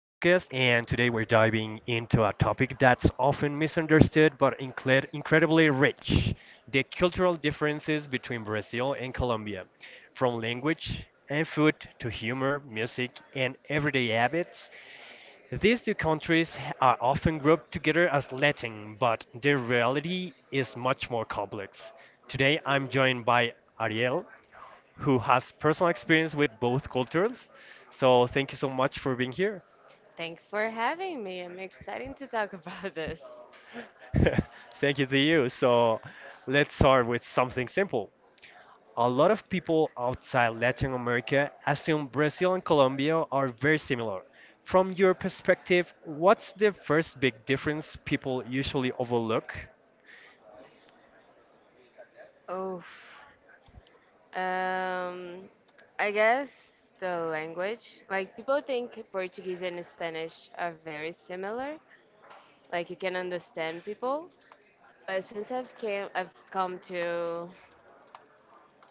and today we're diving into a topic that's often misunderstood but incredibly rich: the cultural differences between Brazil and Colombia. From language and food to humor, music, and everyday habits, these two countries are often grouped together as Latin, but the reality is much more complex. Today I'm joined by Ariel, who has personal experience with both cultures. So thank you so much for being here. Thanks for having me. I'm excited to talk about this. Thank you to you. So let's start with something simple. A lot of people outside Latin America assume Brazil and Colombia are very similar. From your perspective, what's the first big difference people usually overlook? Oof. Um, I guess the language. Like, people think Portuguese and Spanish are very similar. Like, you can understand people. But I've come to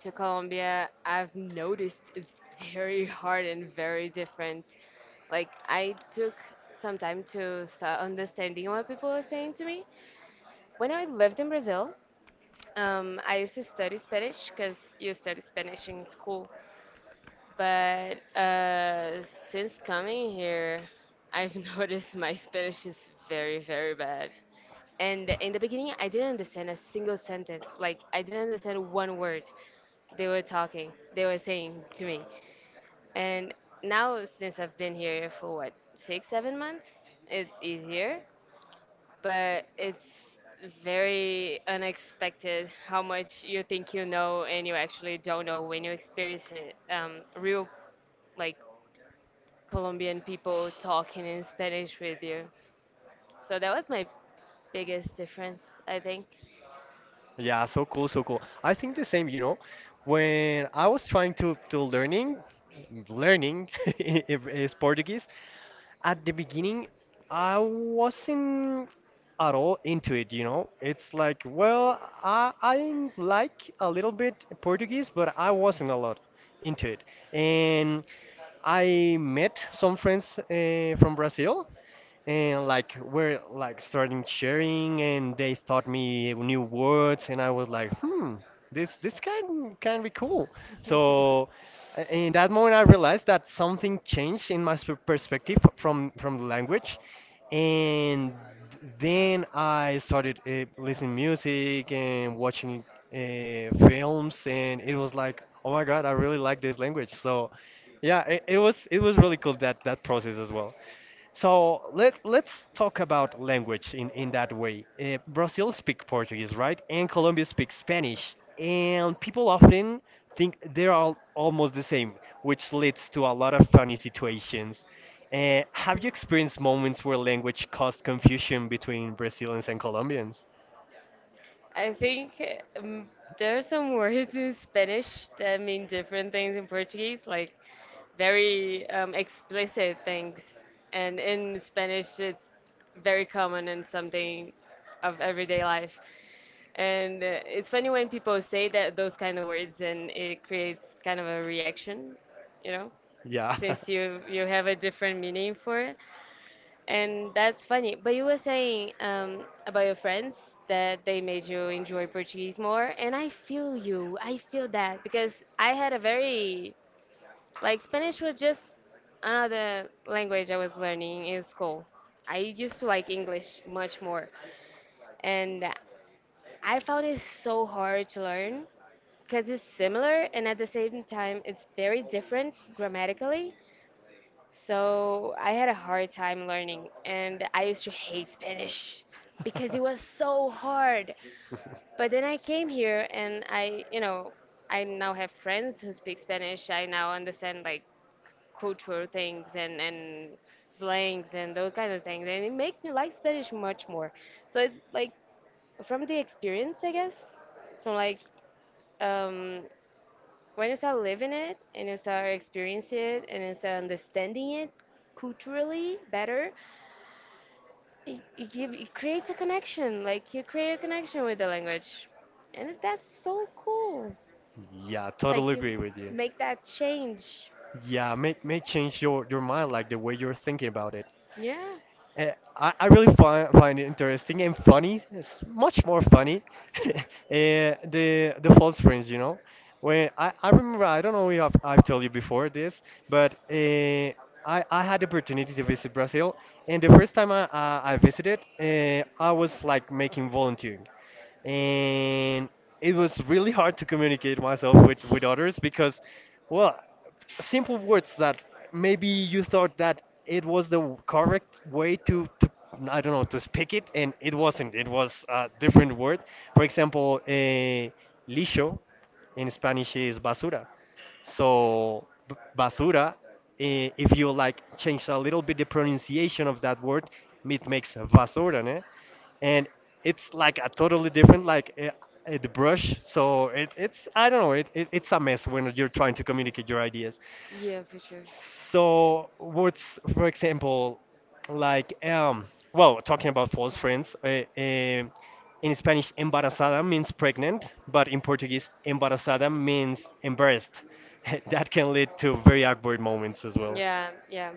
to Colombia, I've noticed it's very hard and very different. Like, I took some time to start understanding what people were saying to me. When I lived in Brazil, I used to study Spanish because you study Spanish in school, but since coming here, I've noticed my Spanish is very, very bad. And in the beginning, I didn't understand a single sentence. Like, I didn't understand one word they were saying to me. And now, since I've been here for what, six, 7 months, it's easier but it's very unexpected how much you think you know and you actually don't know when you experience it. Real like Colombian people talking in Spanish with you. So that was my biggest difference, I think. Yeah, so cool, so cool. I think the same, when I was trying to learning is Portuguese. At the beginning, I wasn't at all into it, you know? It's like, well, I like a little bit Portuguese, but I wasn't a lot into it. And I met some friends from Brazil, and like we're like starting sharing, and they taught me new words, and I was like hmm, this can be cool. So in that moment I realized that something changed in my perspective from the language. And then I started listening music and watching films, and it was like, oh my god, I really like this language. So yeah, it was really cool, that process as well. So let's talk about language in that way. Brazil speak Portuguese, right? And Colombia speaks Spanish, and people often think they're all almost the same, which leads to a lot of funny situations. Have you experienced moments where language caused confusion between Brazilians and Colombians? I think um, there are some words in Spanish that mean different things in Portuguese, like very explicit things. And in Spanish, it's very common and something of everyday life. And it's funny when people say that those kind of words, and it creates kind of a reaction, you know, Yeah. since you have a different meaning for it, and that's funny. But you were saying about your friends that they made you enjoy Portuguese more, and I feel you. I feel that because I had a very like Spanish was just another language I was learning in school. I used to like English much more, and I found it so hard to learn because it's similar and at the same time it's very different grammatically. So I had a hard time learning and I used to hate Spanish because it was so hard. But then I came here and I, you know, I now have friends who speak Spanish. I now understand like cultural things and slangs and those kind of things and it makes me like Spanish much more. So it's like from the experience, I guess, from um when you start living it and you start experiencing it and you start understanding it culturally better, it creates a connection. Like you create a connection with the language, and that's so cool. Yeah, totally Like you agree with you. make that change. Yeah, may change your mind, like the way you're thinking about it. Yeah. Uh, I really find it interesting and funny. It's much more funny. uh, the false friends. When I remember, I don't know if I've told you before this, but I had the opportunity to visit Brazil, and the first time I visited, I was like making volunteering, and it was really hard to communicate myself with others because, well, simple words that maybe you thought that it was the correct way to, I don't know, to speak it, and it wasn't. It was a different word. For example, lixo in Spanish is basura. So basura, if you like change a little bit the pronunciation of that word, it makes basura, né? And it's like a totally different, like, the brush. So it's, I don't know, it's a mess when you're trying to communicate your ideas. Yeah, for sure. So what's, for example, like, well, talking about false friends, in Spanish embarazada means pregnant, but in Portuguese embarazada means embarrassed. That can lead to very awkward moments as well. Yeah, yeah.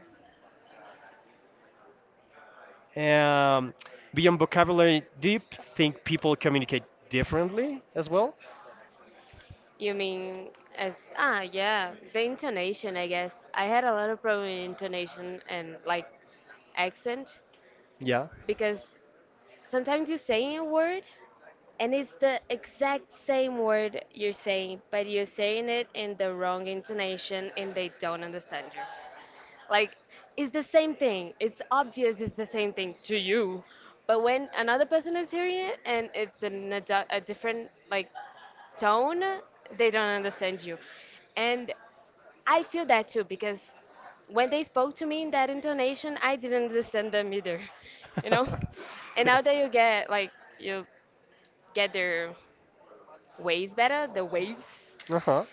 Um, beyond vocabulary, do you think people communicate differently as well? You mean as ah yeah, the intonation I guess. I had a lot of problem in intonation and like accent Yeah. because sometimes you're saying a word and it's the exact same word you're saying, but you're saying it in the wrong intonation and they don't understand you. Like it's the same thing. It's obvious it's the same thing to you. But when another person is hearing it and it's a different like tone, they don't understand you. And I feel that too because when they spoke to me in that intonation, I didn't understand them either, you know? And now that you get like you get their ways better, the waves, Uh-huh.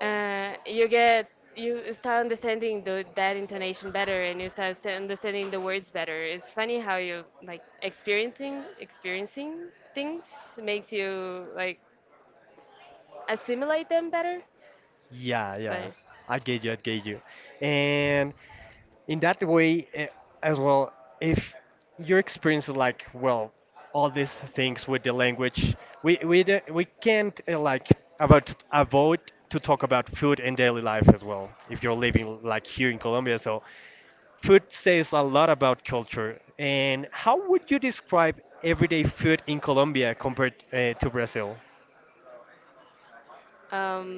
you get you start understanding that intonation better and you start understanding the words better. It's funny how you like experiencing things makes you like assimilate them better. Yeah, It's yeah. funny. I get you, I get you. And in that way, as well, if your experience is like, well, all these things with the language, we don't, we can't, like, about avoid to talk about food and daily life as well. If you're living like here in Colombia, so food says a lot about culture. And how would you describe everyday food in Colombia compared to Brazil? Um,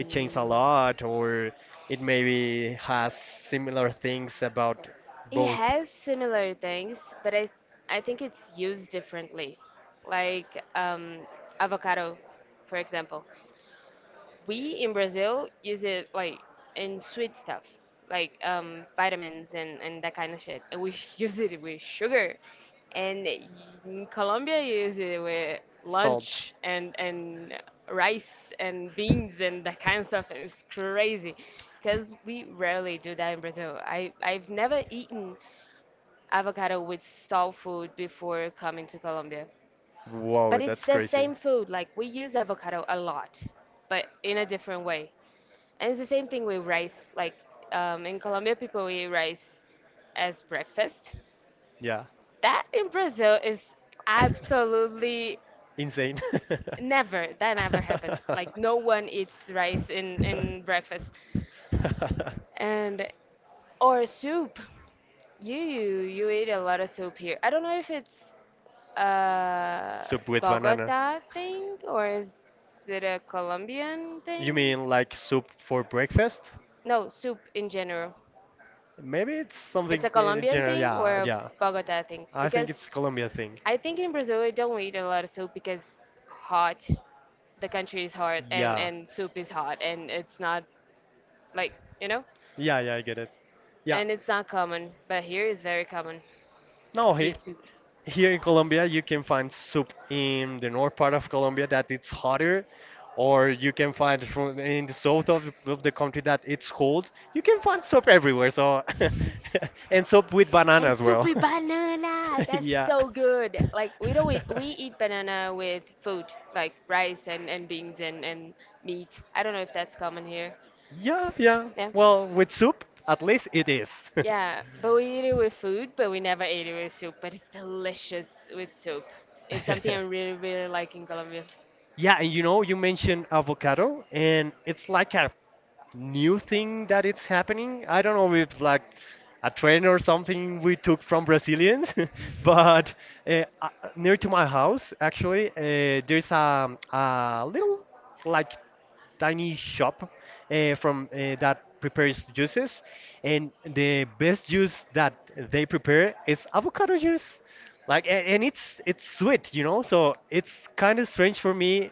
It changed a lot, or it maybe has similar things about it both. has similar things, but I think it's used differently. Like avocado, for example we in Brazil use it like in sweet stuff, like vitamins and that kind of shit. And we use it with sugar. And in Colombia, you use it with Salt. lunch and rice and beans and that kind of stuff. And it's crazy because we rarely do that in Brazil. I've never eaten avocado with soul food before coming to Colombia. Wow, But it's that's the crazy. same food. Like we use avocado a lot, but in a different way. And it's the same thing with rice. Like in Colombia, people eat rice as breakfast. Yeah. That in Brazil is absolutely Insane. never. That never happens. Like no one eats rice in breakfast, and or soup. You eat a lot of soup here. I don't know if it's a Soup with banana. Bogota thing or is it a Colombian You thing? mean like soup for breakfast? No, soup in general. Maybe it's It's something a Colombian general. thing or Yeah, a yeah. Bogota thing? I Because think it's Colombia thing. I think in Brazil we don't eat a lot of soup because hot, the country is hot Yeah, and soup is hot and it's not like you know, yeah, yeah. I get it. Yeah, and it's not common. But here is very common no, to eat soup. here in Colombia, you can find soup in the north part of Colombia that it's hotter, or you can find from in the south of, of the country that it's cold. You can find soup everywhere, so and soup with banana And as well. soupy banana, that's Yeah. so good. Like we don't eat, we eat banana with food, like rice and beans and meat. I don't know if that's common here. Yeah, yeah. Yeah. Well, with soup, at least it is. Yeah, but we eat it with food, but we never ate it with soup. But it's delicious with soup. It's something I really, really like in Colombia. Yeah, and you mentioned avocado, and it's like a new thing that it's happening. I don't know if like a trend or something we took from Brazilians, but uh, uh, near to my house actually, there's a little, like, tiny shop, from, that prepares juices, and the best juice that they prepare is avocado juice. Like, and it's sweet. So it's kind of strange for me,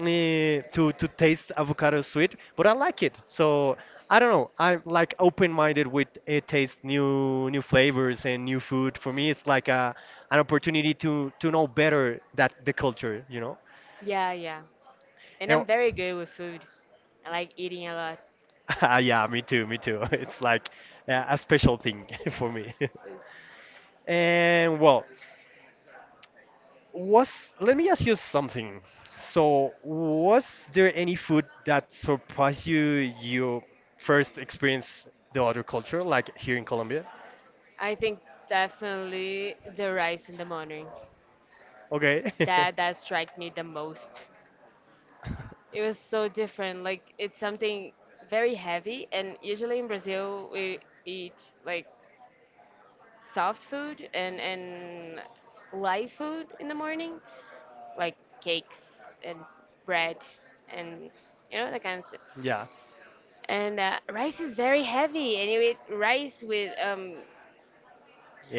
to taste avocado sweet, but I like it. So I don't know. I'm like open-minded with, taste new flavors and new food. For me, it's like a an opportunity to know better that the culture. Yeah, yeah. And And, I'm very good with food. I like eating a lot. ah, yeah, me too, me too. It's like, a special thing for me. It's- And well, Was let me ask you something. So, was there any food that surprised you first experience the other culture, like here in Colombia? I think definitely the rice in the morning. Okay. That that struck me the most. It was so different. Like it's something very heavy, and usually in Brazil we eat like soft food and light food in the morning, like cakes and bread and you know that kind of stuff. Yeah. And rice is very heavy, and you eat rice with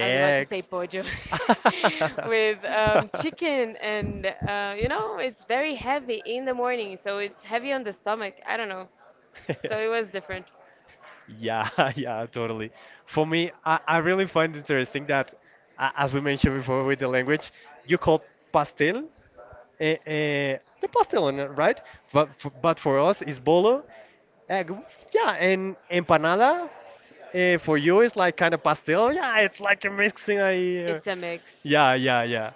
I was about to say pollo with chicken, and you know, it's very heavy in the morning, so it's heavy on the stomach. I don't know. So it was different. Yeah, yeah, totally. For me, I really find interesting that, as we mentioned before with the language, you call pastel, the pastelón, right? But f but for us, it's bolo. Uh, g- yeah, and empanada for you is like kind of pastel. Yeah, it's like a mixing. It's a mix. Yeah, yeah, yeah.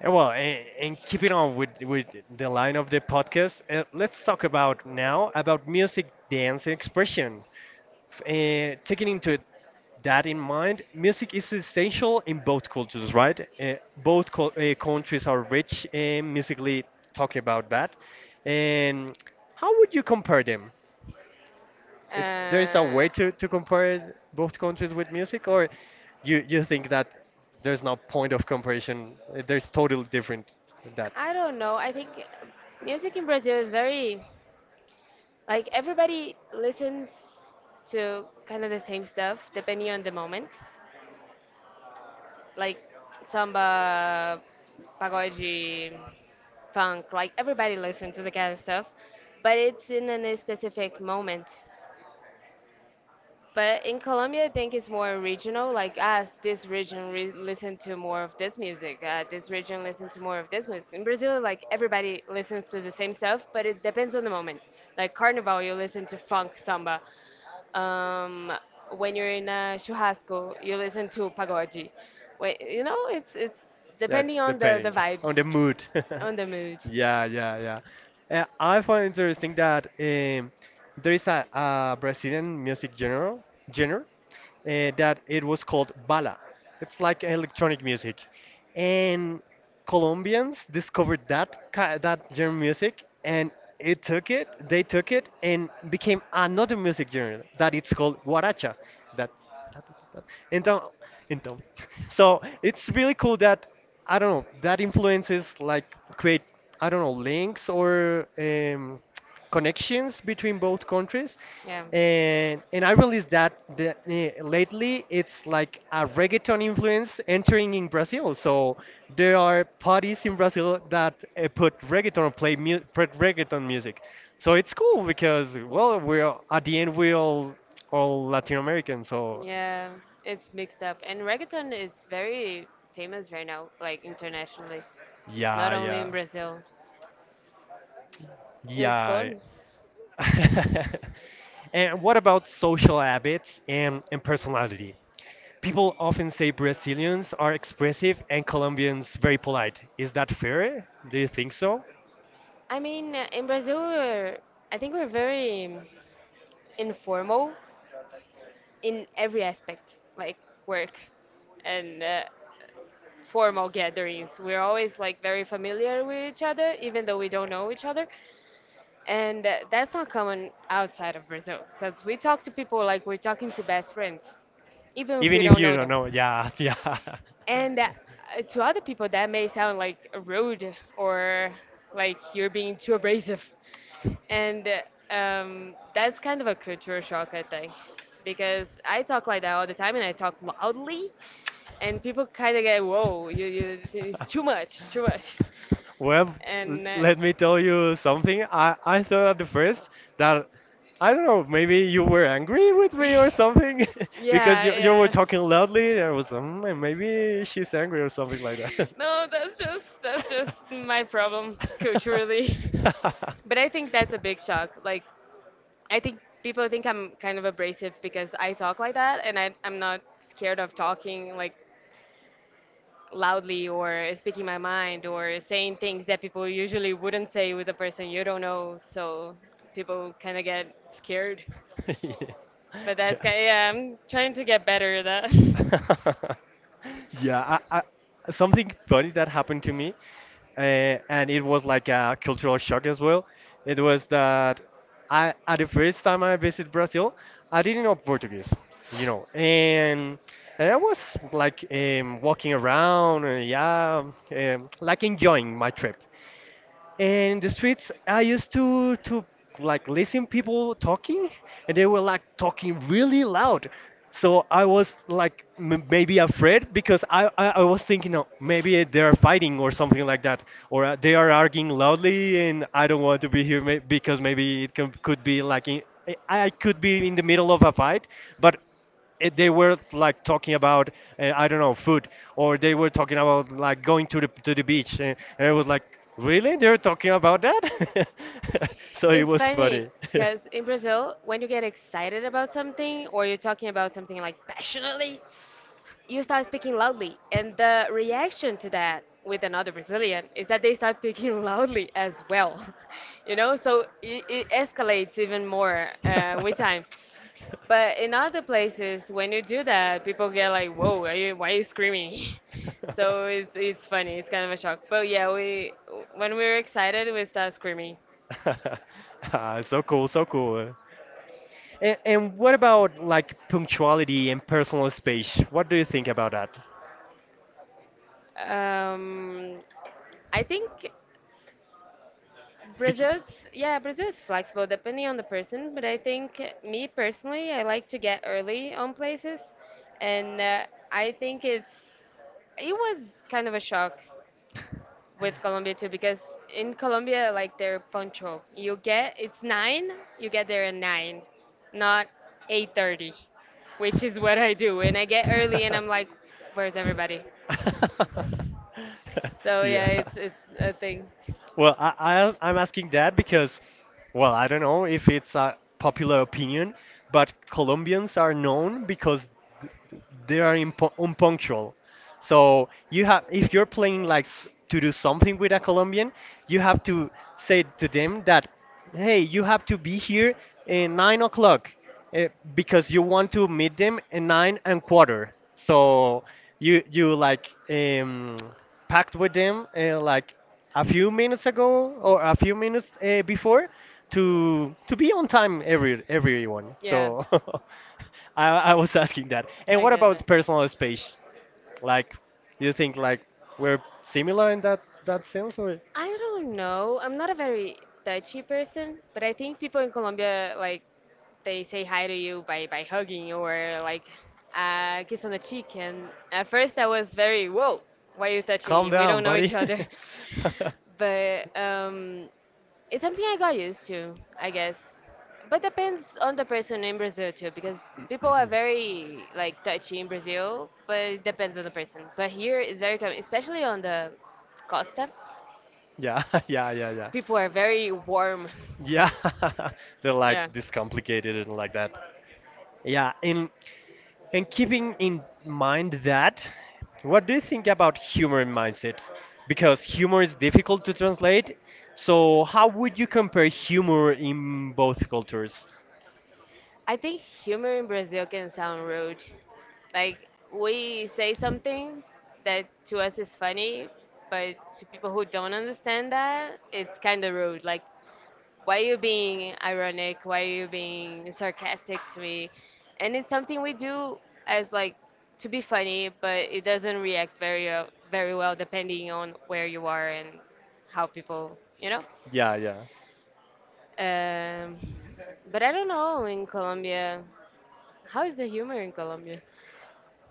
Well, and keeping on with the line of the podcast, let's talk about now about music, dance, and expression. Taking into that in mind, music is essential in both cultures, right? Both cul countries are rich, musically. Talking about that, and how would you compare them? There is a Uh, way to compare both countries with music, or you think that there's no point of comparison? There's totally different than that. I don't know. I think music in Brazil is very, like, everybody listens to kind of the same stuff depending on the moment. Like samba, pagode, funk. Like everybody listens to the kind of stuff, but it's in a specific moment. But in Colombia, I think it's more regional. Like, ah, this region listen to more of this music. This region listen to more of this music. In Brazil, like everybody listens to the same stuff, but it depends on the moment. Like Carnival, you listen to funk samba. Um, when you're in a churrasco, you listen to pagode. Wait, you know, it's depending That's on the depending vibes, on the mood. on the mood. Yeah, yeah, yeah. I find interesting that, there is a Brazilian music genre that it was called bala. It's like electronic music, and Colombians discovered that that genre music, and they took it, and became another music genre that it's called guaracha. That ta, ta, ta, ta. Então, então. So it's really cool that, I don't know, that influences like create, I don't know, links or, connections between both countries. Yeah. And I realized that lately it's like a reggaeton influence entering in Brazil. So there are parties in Brazil that put reggaeton or play mu put reggaeton music. So it's cool because, well, we're at the end we're all Latin American, so Yeah, it's mixed up. And reggaeton is very famous right now, like internationally, not yeah, only in yeah, Brazil. It's yeah. fun. And what about social habits and personality? People often say Brazilians are expressive and Colombians very polite. Is that fair? Do you think so? I mean, in Brazil, I think we're very informal in every aspect, like work and formal gatherings. We're always like very familiar with each other, even though we don't know each other. And that's not common outside of Brazil, because we talk to people like we're talking to best friends, even if we Even if don't you know don't them. know, yeah, yeah. And that, to other people, that may sound like rude or like you're being too abrasive. And That's kind of a culture shock, I think, because I talk like that all the time and I talk loudly, and people kind of get, whoa, it's too much, too much. Well, l- And let me tell you something. I thought at the first that, I don't know, maybe you were angry with me or something because yeah, you were yeah. talking loudly. And I was, maybe she's angry or something like that. No, that's just my problem culturally. But I think that's a big shock. Like I think people think I'm kind of abrasive because I talk like that, and I'm not scared of talking like loudly or speaking my mind or saying things that people usually wouldn't say with a person you don't know. So people kind of get scared. yeah. But that's Yeah, kind yeah, I'm trying to get better at that. yeah, something funny that happened to me, uh, and it was like a cultural shock as well. It was that at the first time I visited Brazil, I didn't know Portuguese, you know, and and I was like, walking around, yeah, like enjoying my trip. And in the streets, I used to like listen people talking, and they were like talking really loud. So I was like, m maybe afraid because I was thinking, oh, maybe they are fighting or something like that, or they are arguing loudly, and I don't want to be here may because maybe could be like in, I could be in the middle of a fight, but they were like talking about, I don't know, food, or they were talking about like going to the beach, and I was like, really? They're talking about that? So it It's was funny funny. because in Brazil, when you get excited about something or you're talking about something like passionately, you start speaking loudly and the reaction to that with another brazilian is that they start speaking loudly as well. You know, so it escalates even more with time. But in other places when you do that people get like whoa are you, why are you screaming. So it's funny, it's kind of a shock, but yeah, we when we are excited we start screaming. Ah, so cool, so cool. And what about like punctuality and personal space? What do you think about that? Um, I think Brazil's Yeah, Brazil is flexible depending on the person, but I think me personally, I like to get early on places, and I think it was kind of a shock with Colombia too because in Colombia like they're punctual. You get it's nine, you get there at nine, not 8:30, which is what I do, and I get early and I'm like, where's everybody? So yeah, it's a thing. Well, I'm asking that because, well, I don't know if it's a popular opinion, but Colombians are known because th- th- they are unpunctual. So you have, if you're playing like, to do something with a Colombian, you have to say to them that, hey, you have to be here at 9 o'clock, uh, because you want to meet them at nine and quarter. So you like packed with them like a few minutes ago or a few minutes before to be on time everyone. Yeah. So I was asking that. And what Get about that. personal space? Like, do you think like we're similar in that sense or? I don't know. I'm not a very touchy person, but I think people in Colombia like they say hi to you by hugging you or like a kiss on the cheek. And at first I was very whoa, why are you touching Calm me? We down, don't know each buddy. other. But it's something I got used to, I guess. But depends on the person in Brazil too, because people are very like touchy in Brazil, but it depends on the person. But here it's very common, especially on the Costa. Yeah, yeah, yeah, yeah. People are very warm. Yeah, they're Yeah. like this complicated and like that. Yeah, and keeping in mind that, what do you think about humor and mindset? Because humor is difficult to translate, so how would you compare humor in both cultures? I think humor in Brazil can sound rude. Like we say some things that to us is funny, but to people who don't understand that, it's kind of rude. Like why are you being ironic? Why are you being sarcastic to me? And it's something we do as like to be funny, but it doesn't react very very well depending on where you are and how people. Yeah, yeah. um, but I don't know in Colombia, how is the humor in Colombia?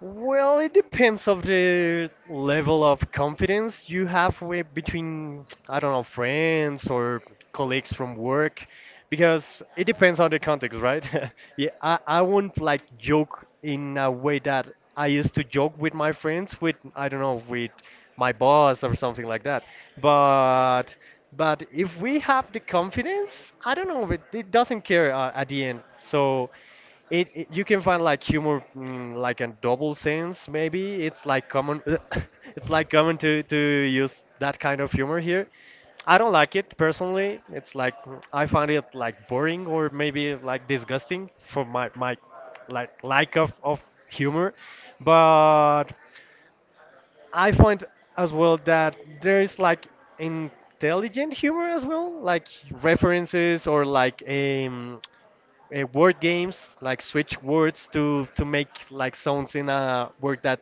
Well, it depends of the level of confidence you have with between, I don't know, friends or colleagues from work, because it depends on the context, right? Yeah, I won't like joke in a way that I used to joke with my friends, with, I don't know, with my boss or something like that. But but if we have the confidence, I don't know, it doesn't care at the end. So you can find like humor like a double sense, maybe it's like common. It's like common to use that kind of humor here. I don't like it personally. It's like I find it like boring or maybe like disgusting for my like lack of humor. But I find as well that there is like intelligent humor as well, like references or like word games, like switch words to make like sounds in a word that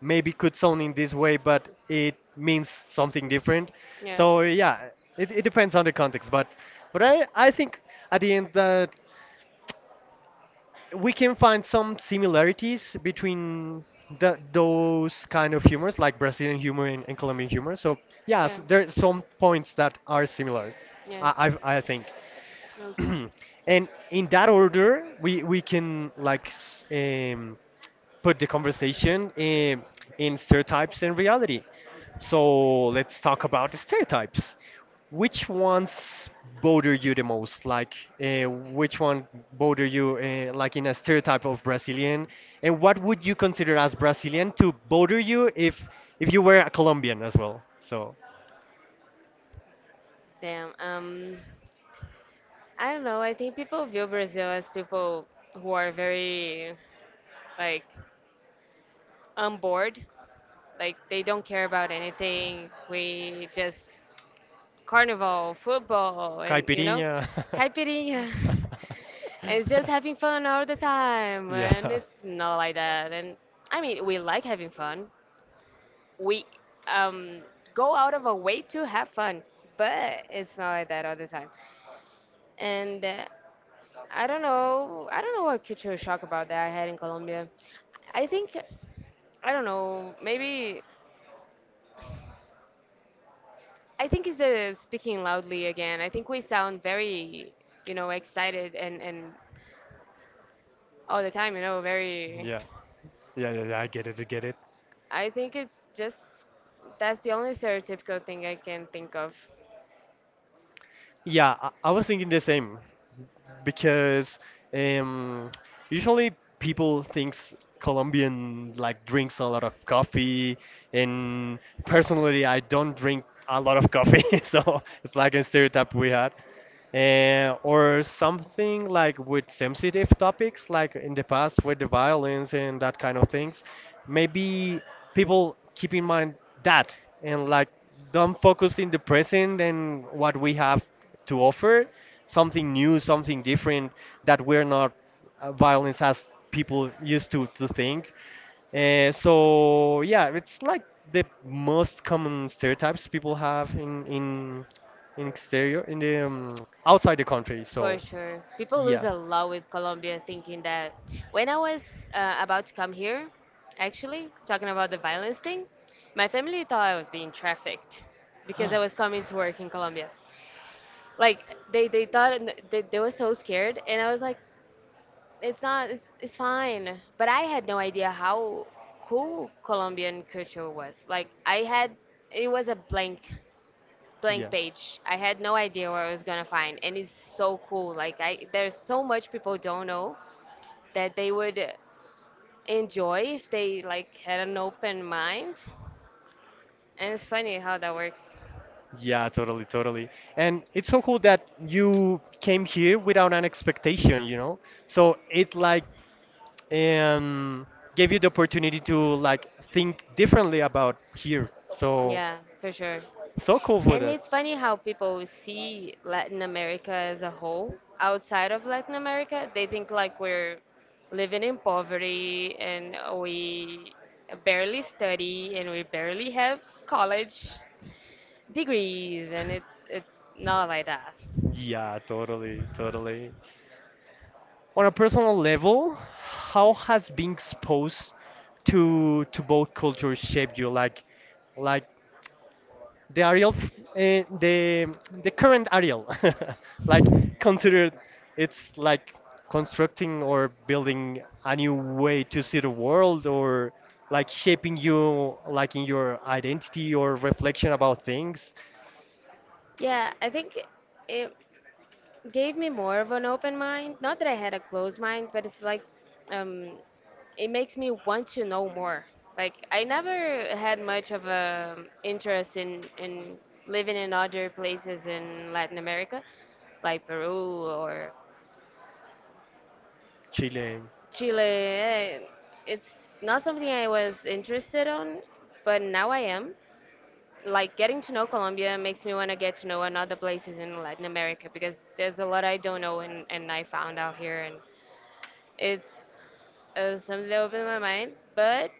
maybe could sound in this way, but it means something different. Yeah. So yeah, it depends on the context, but I think at the end that we can find some similarities between the, those kind of humors, like Brazilian humor and Colombian humor. So yes, there are some points that are similar. Yeah, they, yeah. I think. Okay. And in that order, we can like put the conversation in stereotypes and reality. So let's talk about the stereotypes. Which ones bother you the most? Like, which one bother you, like in a stereotype of Brazilian? And what would you consider as Brazilian to bother you if you were a Colombian as well? So. Damn. I don't know. I think people view Brazil as people who are very like on board. Like they don't care about anything. We just carnival, football, and you know, Caipirinha. caipirinha. It's just having fun all the time, and Yeah. it's not like that. And I mean, we like having fun. We um, go out of our way to have fun, but it's not like that all the time. And I don't know. I don't know what culture shock about that I had in Colombia. I think I don't know. Maybe I think it's the speaking loudly again. I think we sound very, you know, excited and all the time. You know, very. Yeah. Yeah, yeah, yeah, I get it, I get it. I think it's just that's the only stereotypical thing I can think of. Yeah, I was thinking the same because um, usually people thinks Colombian like drinks a lot of coffee, and personally, I don't drink a lot of coffee, so it's like a stereotype we had. Or something like with sensitive topics, like in the past with the violence and that kind of things. Maybe people keep in mind that and like don't focus in the present and what we have to offer, something new, something different that we're not violence as people used to think. So yeah, it's like the most common stereotypes people have in exterior in the outside the country. For So sure. People lose yeah. a lot with Colombia thinking that when I was about to come here, actually, talking about the violence thing, my family thought I was being trafficked because I was coming to work in Colombia. Like they thought they were so scared, and I was like, it's not it's, it's fine. But I had no idea how cool Colombian culture was. Like I had, it was a blank Yeah. page. I had no idea what I was gonna find, and it's so cool. Like I there's so much people don't know that they would enjoy if they like had an open mind, and it's funny how that works. Yeah, totally, totally. And it's so cool that you came here without an expectation, you know? So it like um gave you the opportunity to like think differently about here. So Yeah, for sure. so cool for And that. it's funny how people see Latin America as a whole. Outside of Latin America, they think like we're living in poverty, and we barely study, and we barely have college degrees, and it's not like that. Yeah, totally, totally. On a personal level, how has being exposed to both cultures shaped you? Like the Ariel, the current Ariel, like considered it's like constructing or building a new way to see the world, or like shaping you, like in your identity or reflection about things. Yeah, I think it, gave me more of an open mind. Not that I had a closed mind, but it's like um, it makes me want to know more. Like I never had much of a interest in living in other places in Latin America, like Peru or Chile. Chile. It's not something I was interested on, but now I am. Like getting to know Colombia makes me want to get to know another places in Latin America, because there's a lot I don't know, and I found out here. And it's something that opened my mind, but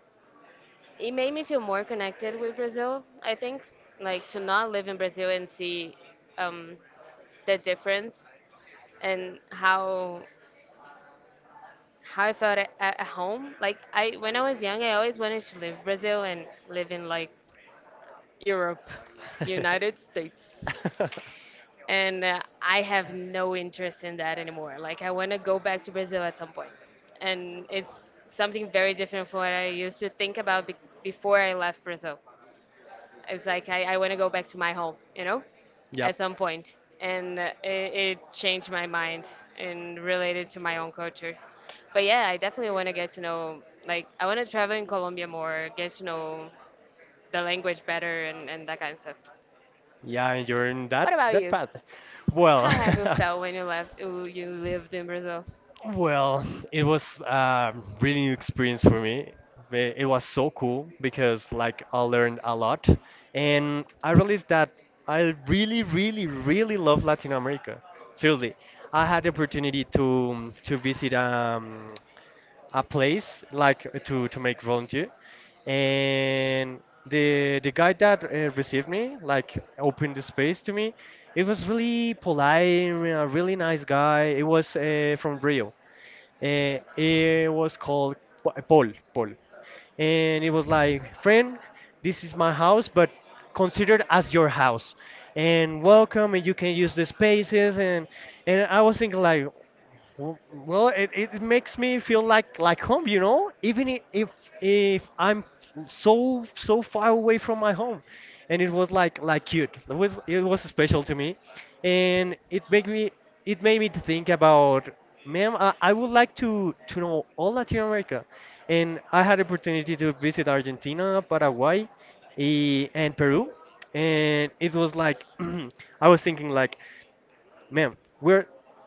it made me feel more connected with Brazil. I think, like to not live in Brazil and see um, the difference and how I felt at home. Like when I was young, I always wanted to live Brazil and live in like Europe, United States. And I have no interest in that anymore. Like I want to go back to Brazil at some point, and it's something very different from what I used to think about before I left Brazil. It's like I want to go back to my home, you know, at Yep. some point. And it changed my mind and related to my own culture. But yeah, I definitely want to get to know. Like I want to travel in Colombia more, get to know the language better, and that kind of stuff. Yeah, and you're in that What about that you? path. Well, How have you felt when you left? Ooh, you lived in Brazil. well, it was a really new experience for me. It was so cool because like I learned a lot and I realized that I really, really, really love Latin America. Seriously, I had the opportunity to visit a place like to make volunteer and the guy that received me like opened the space to me. It was really polite, a really nice guy. It was from Rio. It was called Paul. Paul, and it was like, friend, this is my house, but considered as your house, and welcome, and you can use the spaces, and I was thinking like, well, it makes me feel like home, you know, even if I'm so so far away from my home, and it was like cute. It was special to me, and it made me to think about, ma'am, I would like to know all Latin America, and I had opportunity to visit Argentina, Paraguay, and Peru, and it was like I was thinking like man, we're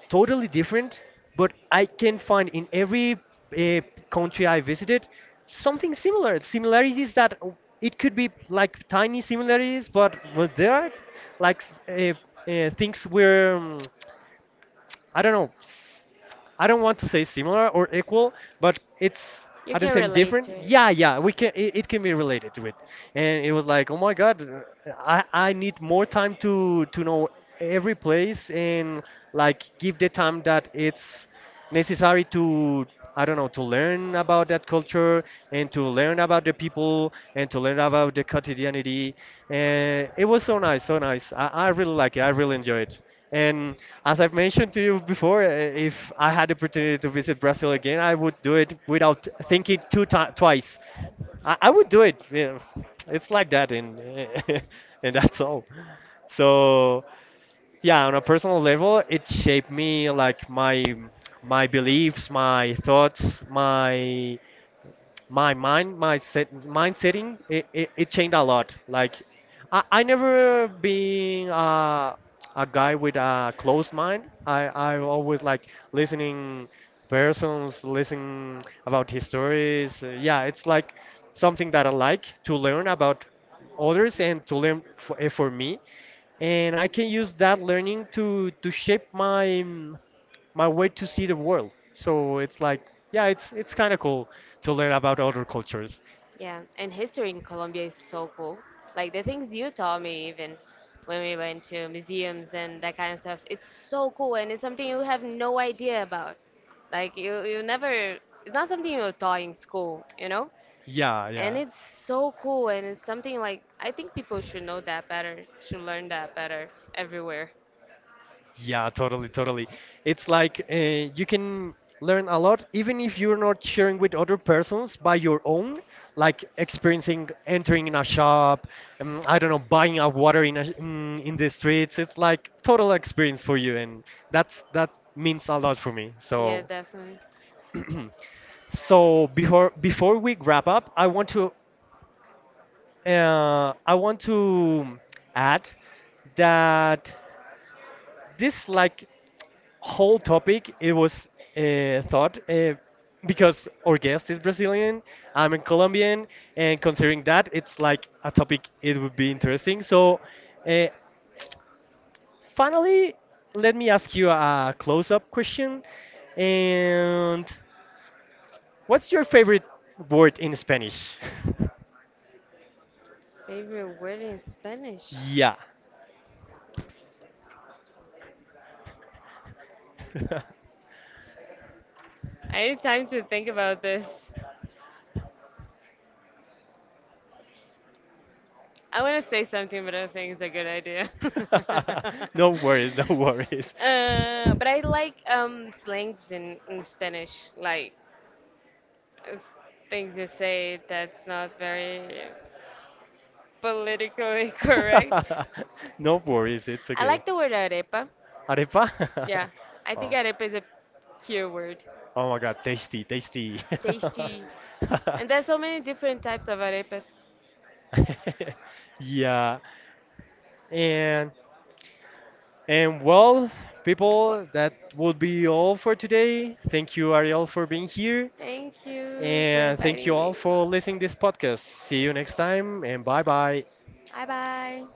totally different, but I can find in every uh, country I visited something similar. Similarities that it could be like tiny similarities, but well, there are like things we're I don't know. I don't want to say similar or equal, but it's You at the can same relate to different. it. Yeah, yeah, we can. It can be related to it, and it was like, oh my god, I need more time to know every place and like give the time that it's necessary to I don't know to learn about that culture and to learn about the people and to learn about the quotidianity. And it was so nice, so nice. I really like it. I really enjoy it. And as I've mentioned to you before, if I had the opportunity to visit Brazil again, I would do it without thinking two ti twice. I would do it. Yeah. It's like that, and and that's all. So yeah, on a personal level it shaped me like my beliefs, my thoughts, my mind, my set mind setting. It changed a lot. Like I never been a guy with a closed mind. I always like listening persons, listening about histories. Yeah, it's like something that I like to learn about others and to learn for, for me, and I can use that learning to shape my my way to see the world. So it's like, yeah, it's kind of cool to learn about other cultures. Yeah, and history in Colombia is so cool. Like the things you taught me, even when we went to museums and that kind of stuff, it's so cool, and it's something you have no idea about. Like you never. It's not something you're taught in school, you know. Yeah, And yeah, it's so cool, and it's something like I think people should know that better, should learn that better everywhere. yeah, totally, totally. It's like you can learn a lot even if you're not sharing with other persons by your own, like experiencing entering in a shop, I don't know, buying a water in a, in the streets. It's like total experience for you, and that's that means a lot for me. Yeah, So. definitely. So before before we wrap up, I want to add that this like whole topic it was thought because our guest is Brazilian, I'm a Colombian, and considering that it's like a topic it would be interesting. So, uh, finally, let me ask you a close-up question. And what's your favorite word in Spanish? Favorite word in Spanish? Yeah. I need time to think about this. I want to say something, but I don't think it's a good idea. No worries, no worries. But I like slangs in Spanish, like uh, things you say that's not very politically correct. No worries, it's I okay. like the word arepa. Arepa? Yeah, I think Oh. arepa is a cute word. Oh my god, tasty, tasty. Tasty. And there's so many different types of arepas. Yeah, and And well, Well, people, that would be all for today. Thank you, Ariel, for being here. thank you for And thank you inviting all me. for listening this podcast. See you next time, and bye bye. Bye bye.